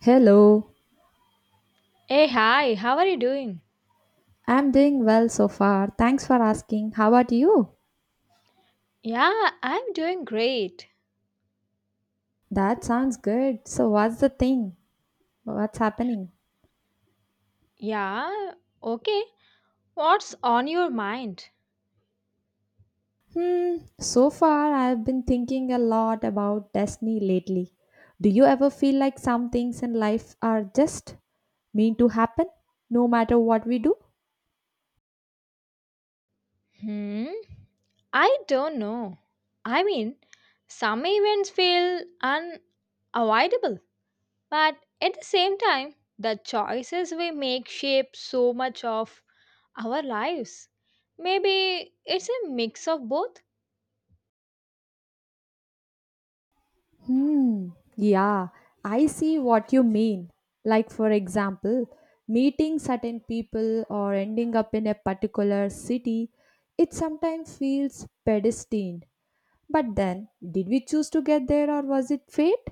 Hello, Hey, hi, how are you doing? I'm doing well so far. Thanks for asking. How about you? Yeah, I'm doing great. That sounds good. So, what's the thing? What's happening? Yeah, okay. What's on your mind? So far I've been thinking a lot about destiny lately. Do you ever feel like some things in life are just meant to happen, no matter what we do? Hmm, I don't know. I mean, some events feel unavoidable, but at the same time, the choices we make shape so much of our lives. Maybe it's a mix of both. Hmm. Yeah, I see what you mean. Like, for example, meeting certain people or ending up in a particular city, it sometimes feels predestined. But then, did we choose to get there or was it fate?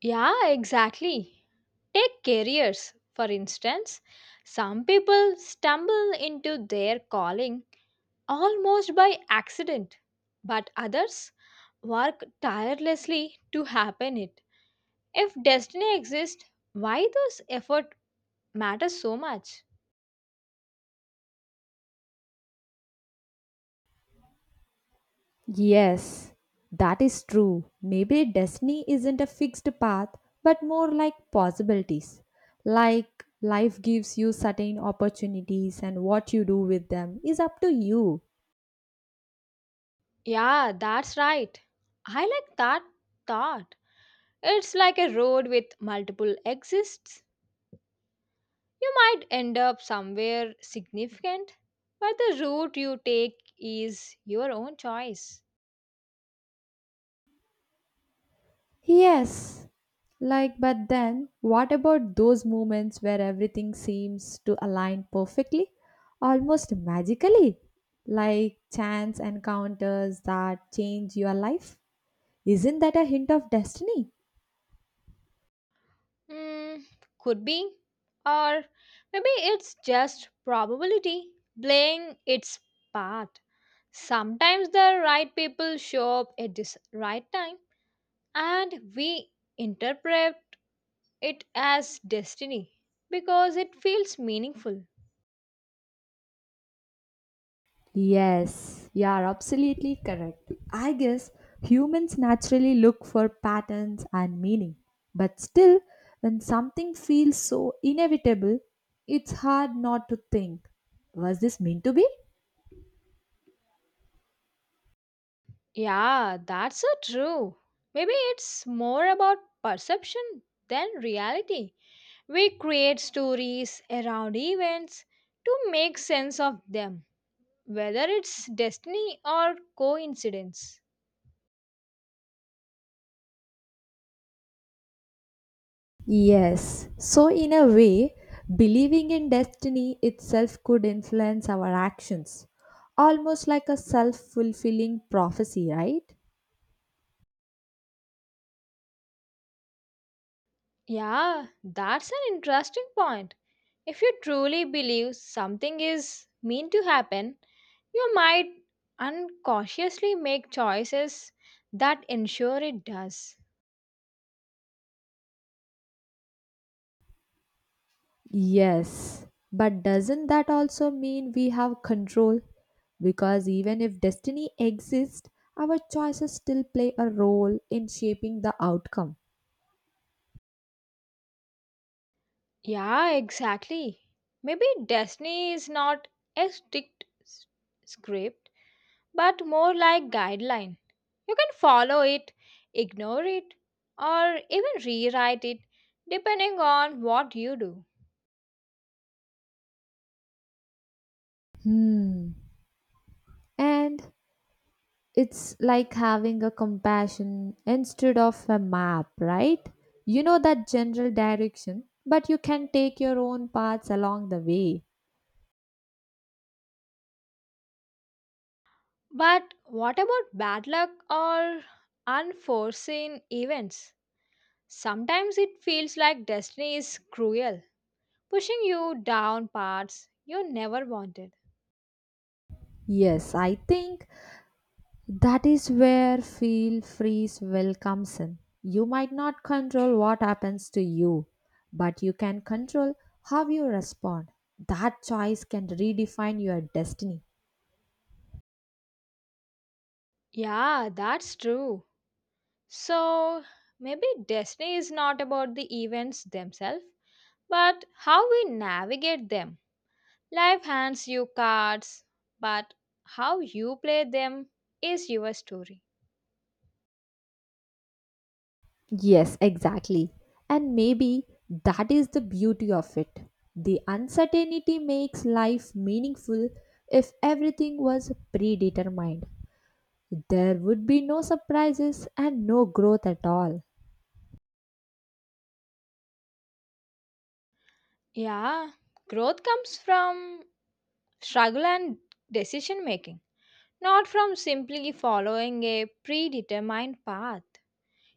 Yeah, exactly. Take careers, for instance. Some people stumble into their calling almost by accident, but others work tirelessly to happen it. If destiny exists, why does effort matter so much? Yes, that is true. Maybe destiny isn't a fixed path, but more like possibilities. Like, life gives you certain opportunities, and what you do with them is up to you. Yeah, that's right. I like that thought. It's like a road with multiple exits. You might end up somewhere significant, but the route you take is your own choice. Yes. Like, but then, what about those moments where everything seems to align perfectly, almost magically? Like chance encounters that change your life? Isn't that a hint of destiny? Hmm, could be. Or maybe it's just probability playing its part. Sometimes the right people show up at this right time, and we interpret it as destiny because it feels meaningful. Yes, you are absolutely correct. I guess humans naturally look for patterns and meaning. But still, when something feels so inevitable, it's hard not to think, was this meant to be? Yeah, that's so true. Maybe it's more about perception than reality. We create stories around events to make sense of them, whether it's destiny or coincidence. Yes. So, in a way, believing in destiny itself could influence our actions, almost like a self fulfilling prophecy, right? Yeah, that's an interesting point. If you truly believe something is meant to happen, you might unconsciously make choices that ensure it does. Yes. But doesn't that also mean we have control? Because even if destiny exists, our choices still play a role in shaping the outcome. Yeah, exactly. Maybe destiny is not a script, but more like guideline. You can follow it, ignore it, or even rewrite it depending on what you do. Hmm. And it's like having a compassion instead of a map, right? You know that general direction, but you can take your own paths along the way. But what about bad luck or unforeseen events? Sometimes it feels like destiny is cruel, pushing you down paths you never wanted. Yes, I think that is where feel freeze will comes in. You might not control what happens to you, but you can control how you respond. That choice can redefine your destiny. Yeah, that's true. So maybe destiny is not about the events themselves, but how we navigate them. Life hands you cards, but how you play them is your story. Yes, exactly. And maybe that is the beauty of it. The uncertainty makes life meaningful if everything was predetermined. There would be no surprises and no growth at all. Yeah, growth comes from struggle and decision making, not from simply following a predetermined path.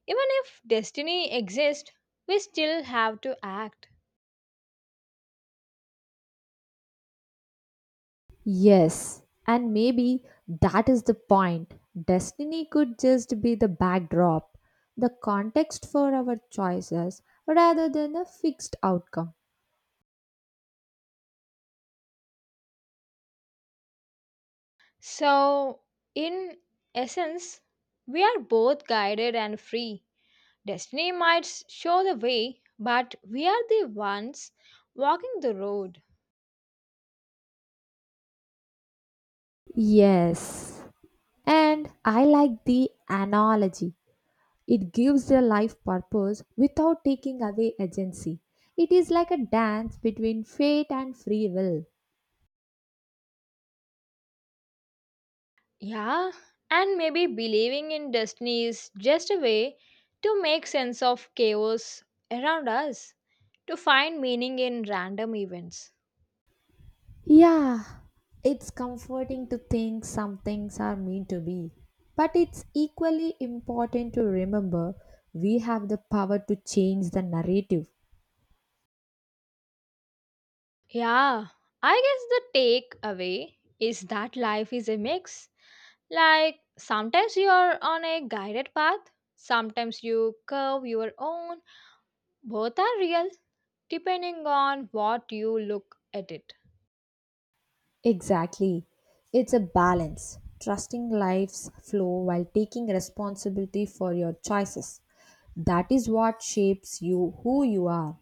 Even if destiny exists, we still have to act. Yes, and maybe that is the point. Destiny could just be the backdrop, the context for our choices rather than a fixed outcome. So, in essence, we are both guided and free. Destiny show the way, but we are the ones walking the road. Yes, and I like the analogy. It gives their life purpose without taking away agency. It is like a dance between fate and free will. Yeah, and maybe believing in destiny is just a way to make sense of chaos around us, to find meaning in random events. Yeah, it's comforting to think some things are meant to be. But it's equally important to remember we have the power to change the narrative. Yeah, I guess the takeaway is that life is a mix. Like sometimes you are on a guided path, sometimes you curve your own. Both are real, depending on what you look at it. Exactly. It's a balance, trusting life's flow while taking responsibility for your choices. That is what shapes you who you are.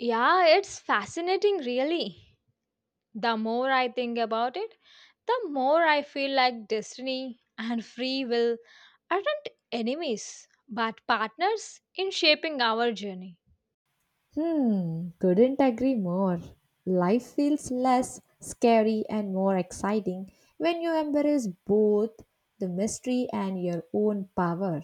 Yeah, it's fascinating, really. The more I think about it, the more I feel like destiny and free will aren't enemies, but partners in shaping our journey. Hmm, couldn't agree more. Life feels less scary and more exciting when you embrace both the mystery and your own power.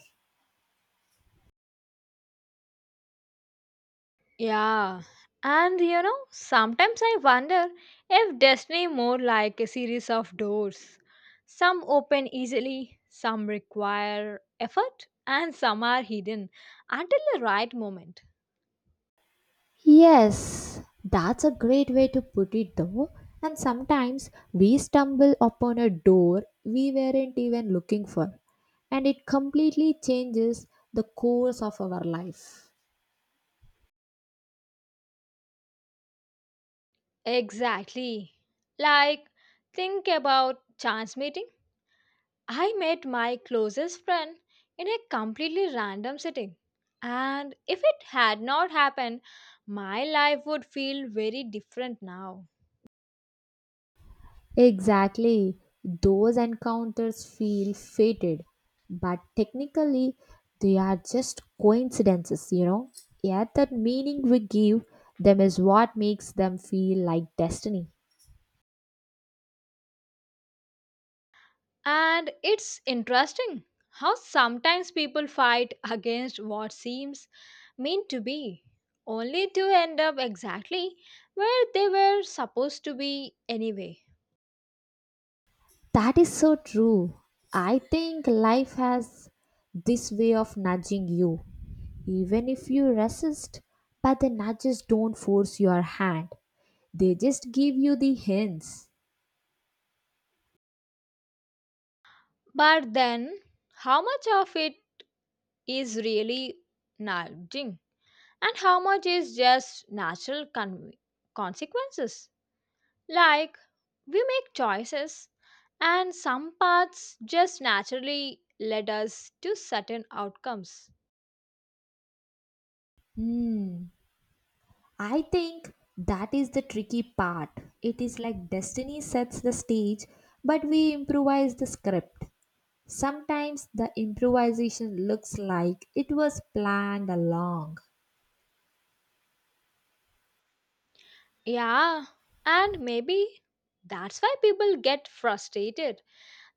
Yeah, and you know, sometimes I wonder if destiny more like a series of doors. Some open easily, some require effort, and some are hidden until the right moment. Yes, that's a great way to put it though. And sometimes we stumble upon a door we weren't even looking for, and it completely changes the course of our life. Exactly. Like, think about chance meeting. I met my closest friend in a completely random setting. And if it had not happened, my life would feel very different now. Exactly. Those encounters feel fated, but technically they are just coincidences, Yet that meaning we give them is what makes them feel like destiny. And it's interesting how sometimes people fight against what seems meant to be, only to end up exactly where they were supposed to be anyway. That is so true. I think life has this way of nudging you, even if you resist, but the nudges don't force your hand. They just give you the hints. But then, how much of it is really nudging, and how much is just consequences? Like, we make choices, and some paths just naturally lead us to certain outcomes. Hmm. I think that is the tricky part. It is like destiny sets the stage, but we improvise the script. Sometimes the improvisation looks like it was planned along. Yeah, and maybe that's why people get frustrated.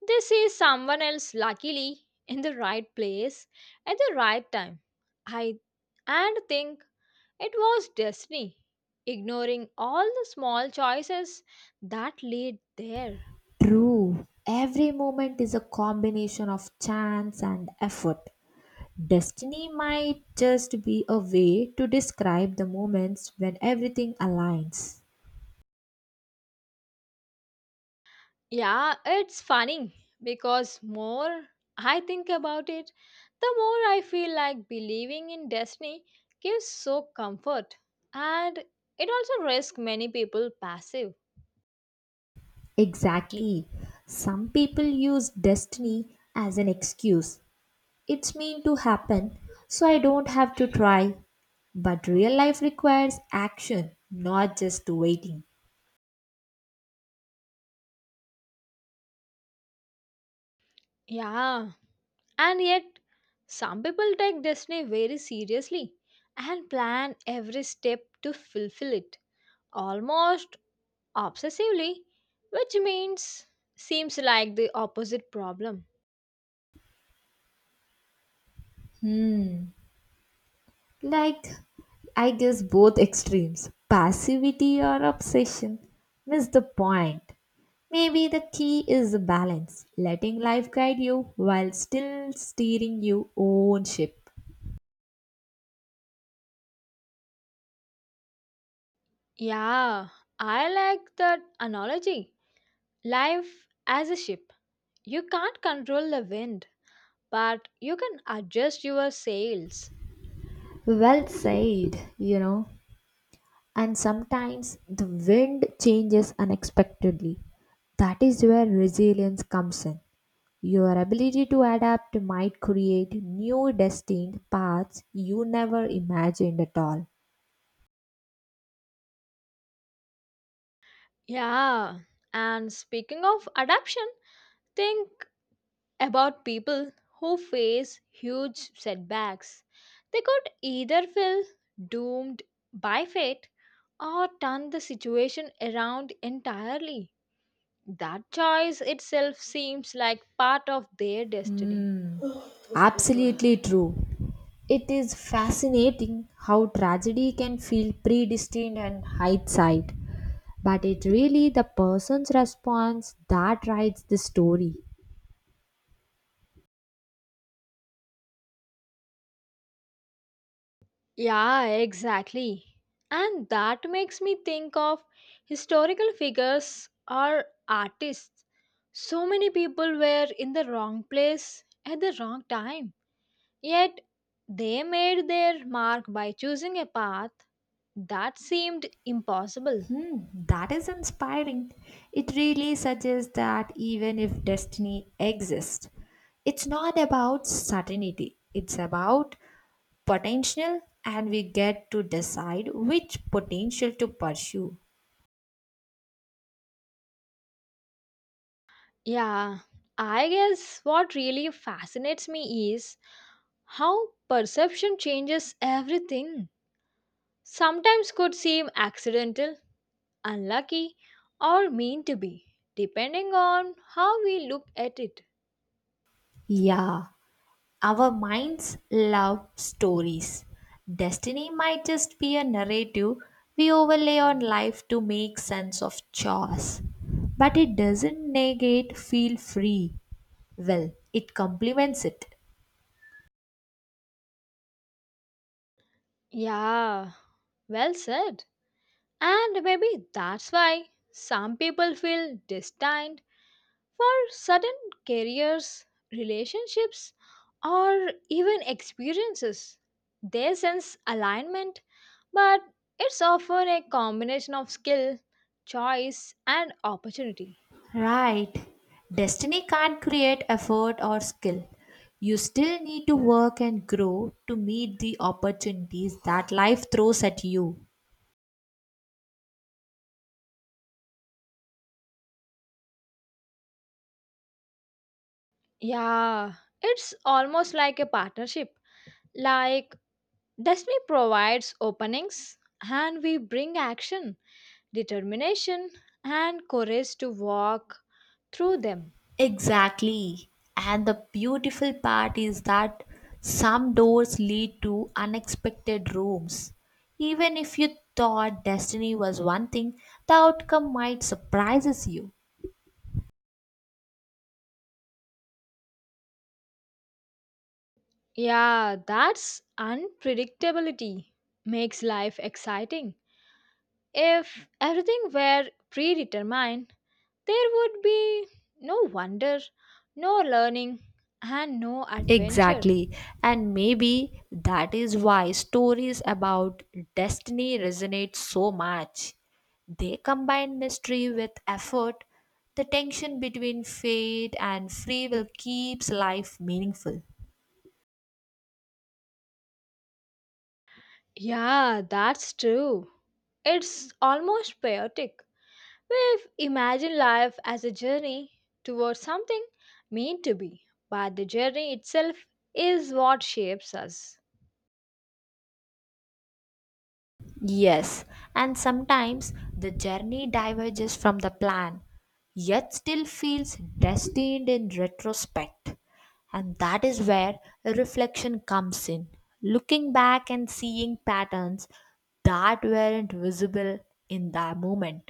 They see someone else luckily in the right place at the right time. I and think it was destiny, ignoring all the small choices that lead there. True, every moment is a combination of chance and effort. Destiny might just be a way to describe the moments when everything aligns. Yeah, it's funny because more I think about it, the more I feel like believing in destiny gives so comfort and it also risks many people passive. Exactly. Some people use destiny as an excuse. It's meant to happen, so I don't have to try. But real life requires action, not just waiting. Yeah, and yet some people take destiny very seriously and plan every step to fulfill it almost obsessively, which means seems like the opposite problem. Hmm. Like, I guess both extremes, passivity or obsession, miss the point. Maybe the key is the balance, letting life guide you while still steering your own ship. Yeah, I like that analogy. Life as a ship. You can't control the wind, but you can adjust your sails. Well said, And sometimes the wind changes unexpectedly. That is where resilience comes in. Your ability to adapt might create new destined paths you never imagined at all. Yeah, and speaking of adaptation, think about people who face huge setbacks. They could either feel doomed by fate or turn the situation around entirely. That choice itself seems like part of their destiny. Hmm. Absolutely true. It is fascinating how tragedy can feel predestined and hindsight, but it really the person's response that writes the story. Yeah, exactly. And that makes me think of historical figures or artists. So many people were in the wrong place at the wrong time. Yet they made their mark by choosing a path that seemed impossible. Hmm, that is inspiring. It really suggests that even if destiny exists, it's not about certainty, it's about potential and we get to decide which potential to pursue. Yeah, I guess what really fascinates me is how perception changes everything. Sometimes could seem accidental, unlucky, or mean to be, depending on how we look at it. Yeah, our minds love stories. Destiny might just be a narrative we overlay on life to make sense of chores, but it doesn't negate feel free. Well, it complements it. Yeah, well said. And maybe that's why some people feel destined for certain careers, relationships, or even experiences. They sense alignment, but it's often a combination of skill, choice, and opportunity. Right. Destiny can't create effort or skill. You still need to work and grow to meet the opportunities that life throws at you. Yeah, it's almost like a partnership. Like destiny provides openings, and we bring action, determination, and courage to walk through them. Exactly. And the beautiful part is that some doors lead to unexpected rooms. Even if you thought destiny was one thing, the outcome might surprises you. Yeah, that's unpredictability makes life exciting. If everything were predetermined, there would be no wonder, no learning, and no adventure. Exactly. And maybe that is why stories about destiny resonate so much. They combine mystery with effort. The tension between fate and free will keeps life meaningful. Yeah, that's true. It's almost chaotic. We've imagined life as a journey towards something meant to be, but the journey itself is what shapes us. Yes, and sometimes the journey diverges from the plan, yet still feels destined in retrospect. And that is where reflection comes in. Looking back and seeing patterns that weren't visible in that moment.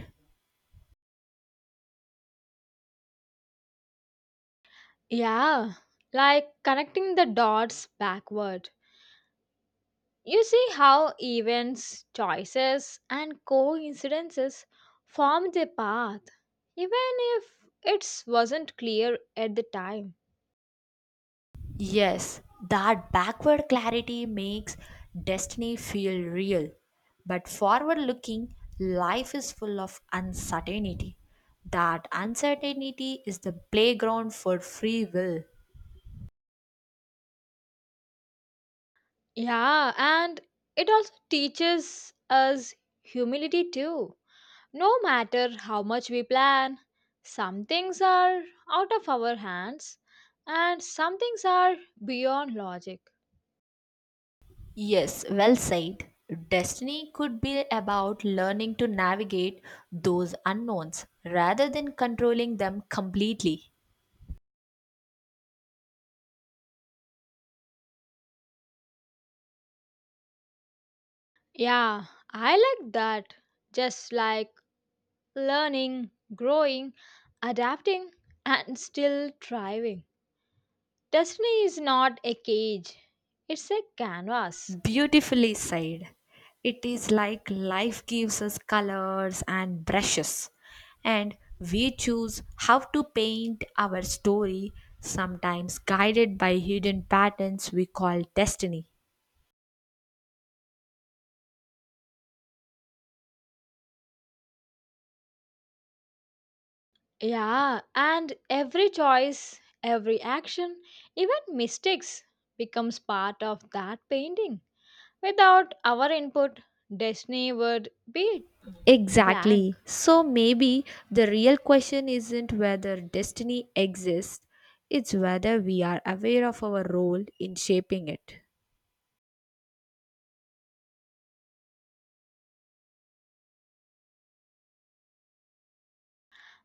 Yeah, like connecting the dots backward. You see how events, choices, and coincidences form a path, even if it wasn't clear at the time. Yes, that backward clarity makes destiny feel real. But forward looking, life is full of uncertainty. That uncertainty is the playground for free will. Yeah, and it also teaches us humility too. No matter how much we plan, some things are out of our hands and some things are beyond logic. Yes, well said. Destiny could be about learning to navigate those unknowns rather than controlling them completely. Yeah, I like that. Just like learning, growing, adapting, and still thriving. Destiny is not a cage, it's a canvas. Beautifully said. It is like life gives us colors and brushes, and we choose how to paint our story, sometimes guided by hidden patterns we call destiny. Yeah, and every choice, every action, even mistakes becomes part of that painting. Without our input, destiny would be blank. Exactly. So maybe the real question isn't whether destiny exists, it's whether we are aware of our role in shaping it.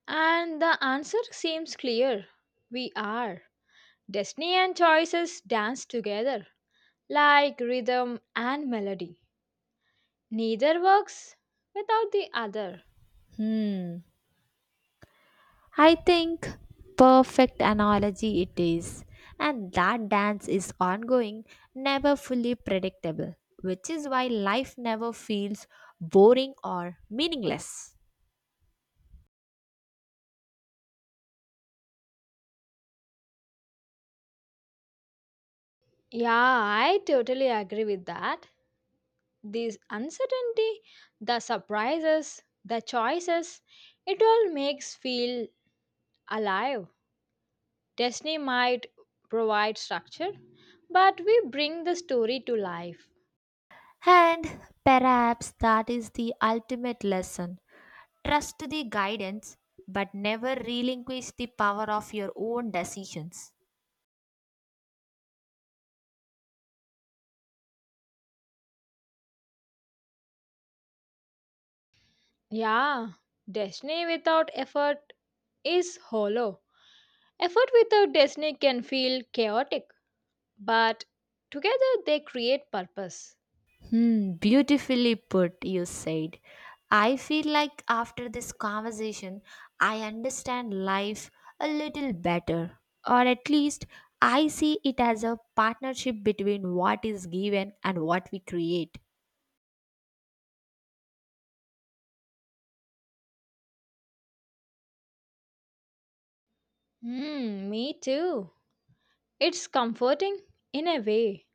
And the answer seems clear. We are. Destiny and choices dance together, like rhythm and melody. Neither works without the other. Hmm. I think perfect analogy it is. And that dance is ongoing, never fully predictable, which is why life never feels boring or meaningless. Yeah, I totally agree with that. This uncertainty, the surprises, the choices, it all makes feel alive. Disney might provide structure, but we bring the story to life. And perhaps that is the ultimate lesson. Trust the guidance, but never relinquish the power of your own decisions. Yeah, Disney without effort is hollow. Effort without Disney can feel chaotic, but together they create purpose. Hmm, beautifully put, you said. I feel like after this conversation, I understand life a little better, or at least I see it as a partnership between what is given and what we create. Me too. It's comforting in a way.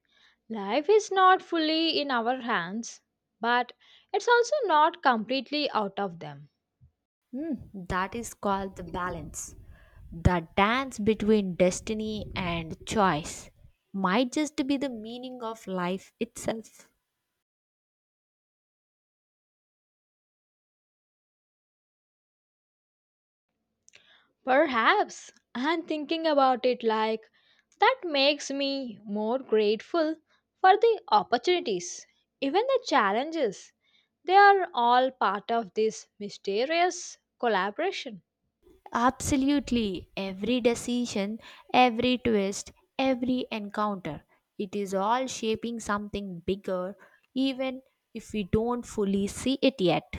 Life is not fully in our hands, but it's also not completely out of them. Hmm, that is called the balance. The dance between destiny and choice might just be the meaning of life itself. Perhaps, and thinking about it like that makes me more grateful for the opportunities, even the challenges. They are all part of this mysterious collaboration. Absolutely, every decision, every twist, every encounter, it is all shaping something bigger, even if we don't fully see it yet.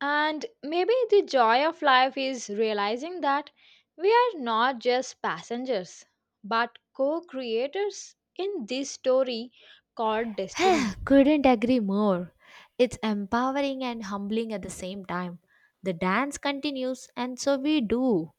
And maybe the joy of life is realizing that we are not just passengers, but co creators in this story called destiny. Couldn't agree more. It's empowering and humbling at the same time. The dance continues, and so we do.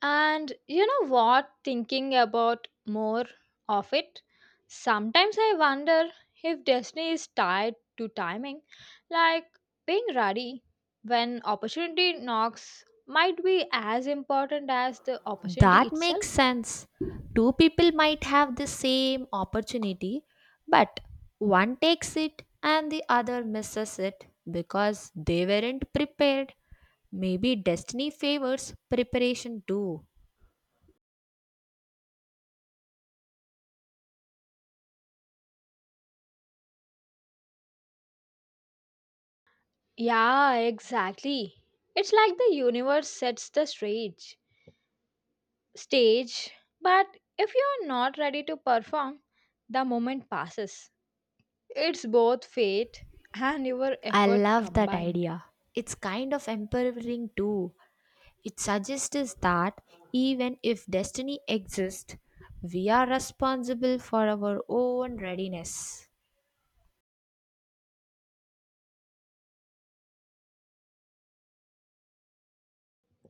And you know what? Thinking about more of it, sometimes I wonder if destiny is tied to timing, like being ready when opportunity knocks might be as important as the opportunity That itself. makes sense. Two people might have the same opportunity, but one takes it and the other misses it because they weren't prepared. Maybe destiny favors preparation too. Yeah, exactly. It's like the universe sets the stage. Stage, but if you are not ready to perform, the moment passes. It's both fate and your I effort love that combined. idea. It's kind of empowering too. It suggests that even if destiny exists, we are responsible for our own readiness.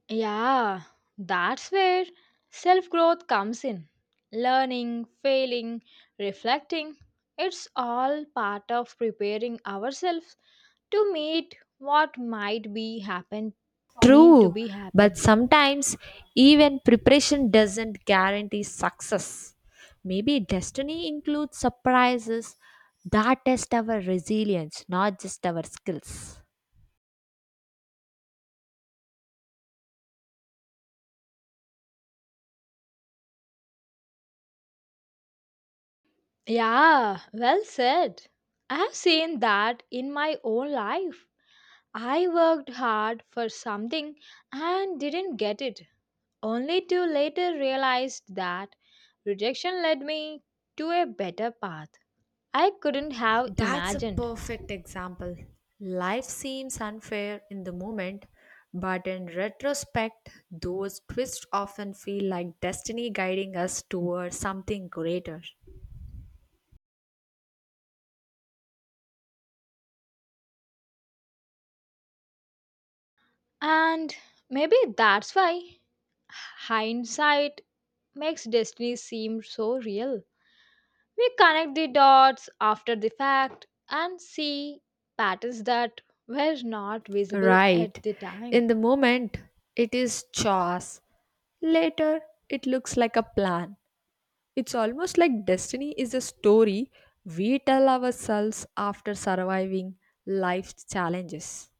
Yeah, that's where self growth comes in. Learning, failing, reflecting. It's all part of preparing ourselves to meet what might be happen mean to True, be but happen. sometimes even preparation doesn't guarantee success. Maybe destiny includes surprises that test our resilience, not just our skills. Yeah, well said. I have seen that in my own life. I worked hard for something and didn't get it, only to later realize that rejection led me to a better path I couldn't have That's a imagined. perfect example. Life seems unfair in the moment, but in retrospect, those twists often feel like destiny guiding us toward something greater. And maybe that's why hindsight makes destiny seem so real. We connect the dots after the fact and see patterns that were not visible Right. at the time. In the moment, it is chaos. Later, it looks like a plan. It's almost like destiny is a story we tell ourselves after surviving life's challenges.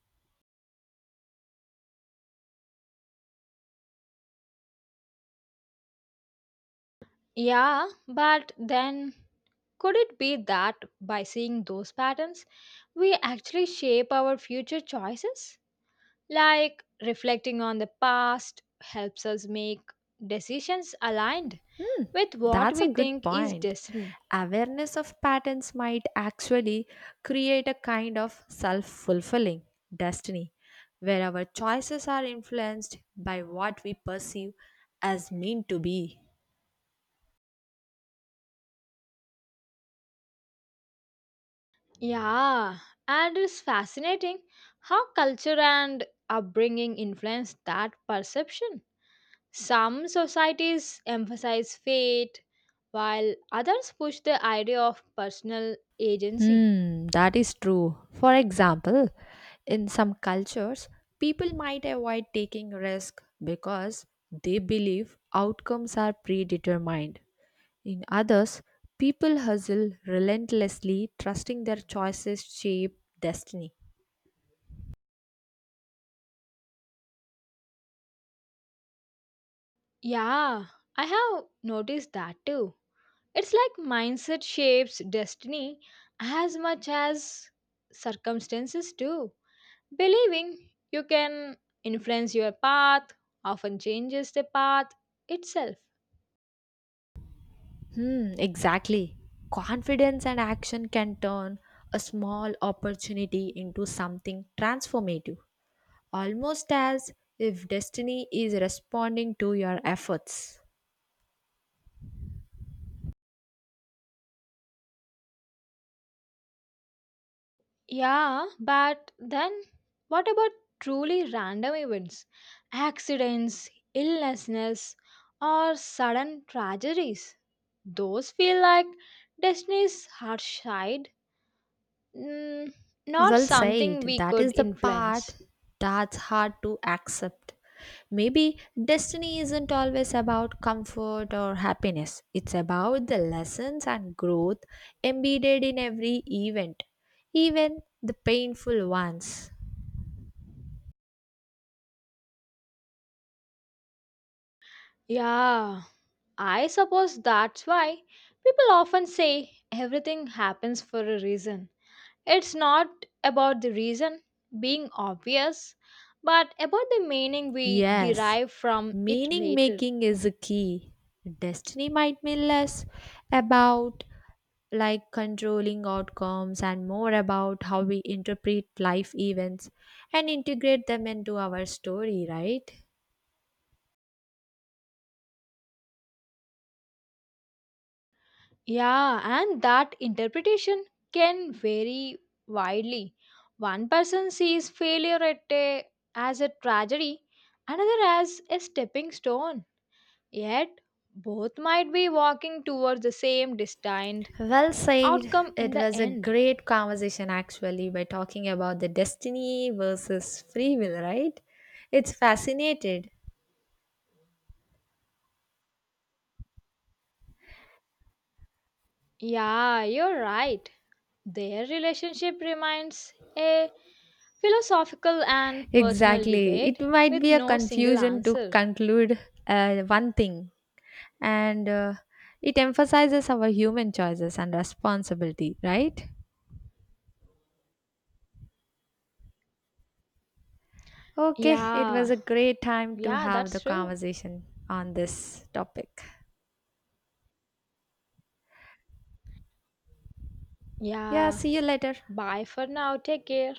Yeah, but then could it be that by seeing those patterns, we actually shape our future choices? Like reflecting on the past helps us make decisions aligned with what That's a we good think is point. destiny. Awareness of patterns might actually create a kind of self fulfilling destiny where our choices are influenced by what we perceive as mean to be. Yeah, and it's fascinating how culture and upbringing influence that perception. Some societies emphasize fate, while others push the idea of personal agency. Hmm, that is true. For example, in some cultures, people might avoid taking risk because they believe outcomes are predetermined. In others, people hustle relentlessly, trusting their choices shape destiny. Yeah, I have noticed that too. It's like mindset shapes destiny as much as circumstances do. Believing you can influence your path often changes the path itself. Hmm, exactly. Confidence and action can turn a small opportunity into something transformative, almost as if destiny is responding to your efforts. Yeah, but then what about truly random events, accidents, illnesses, or sudden tragedies? Those feel like destiny's harsh side, mm, not Well something said. we That could is the influence. part that's hard to accept. Maybe destiny isn't always about comfort or happiness, it's about the lessons and growth embedded in every event, even the painful ones. Yeah, I suppose that's why people often say everything happens for a reason. It's not about the reason being obvious, but about the meaning we Yes, derive from it meaning later. making is a key. Destiny might be less about like controlling outcomes and more about how we interpret life events and integrate them into our story, right? Yeah, and that interpretation can vary widely. One person sees failure as a tragedy, another as a stepping stone. Yet, both might be walking towards the same destined Well said. outcome in It the was a end. great conversation actually by talking about the destiny versus free will, right? It's fascinated. Yeah, you're right. Their relationship remains a philosophical and personal Exactly. It debate might with be a no single confusion to answer. conclude one thing, and it emphasizes our human choices and responsibility, right? Okay, it was Yeah, a great time to yeah, have the that's true. conversation on this topic. Yeah, Yeah, see you later. bye for now. Take care.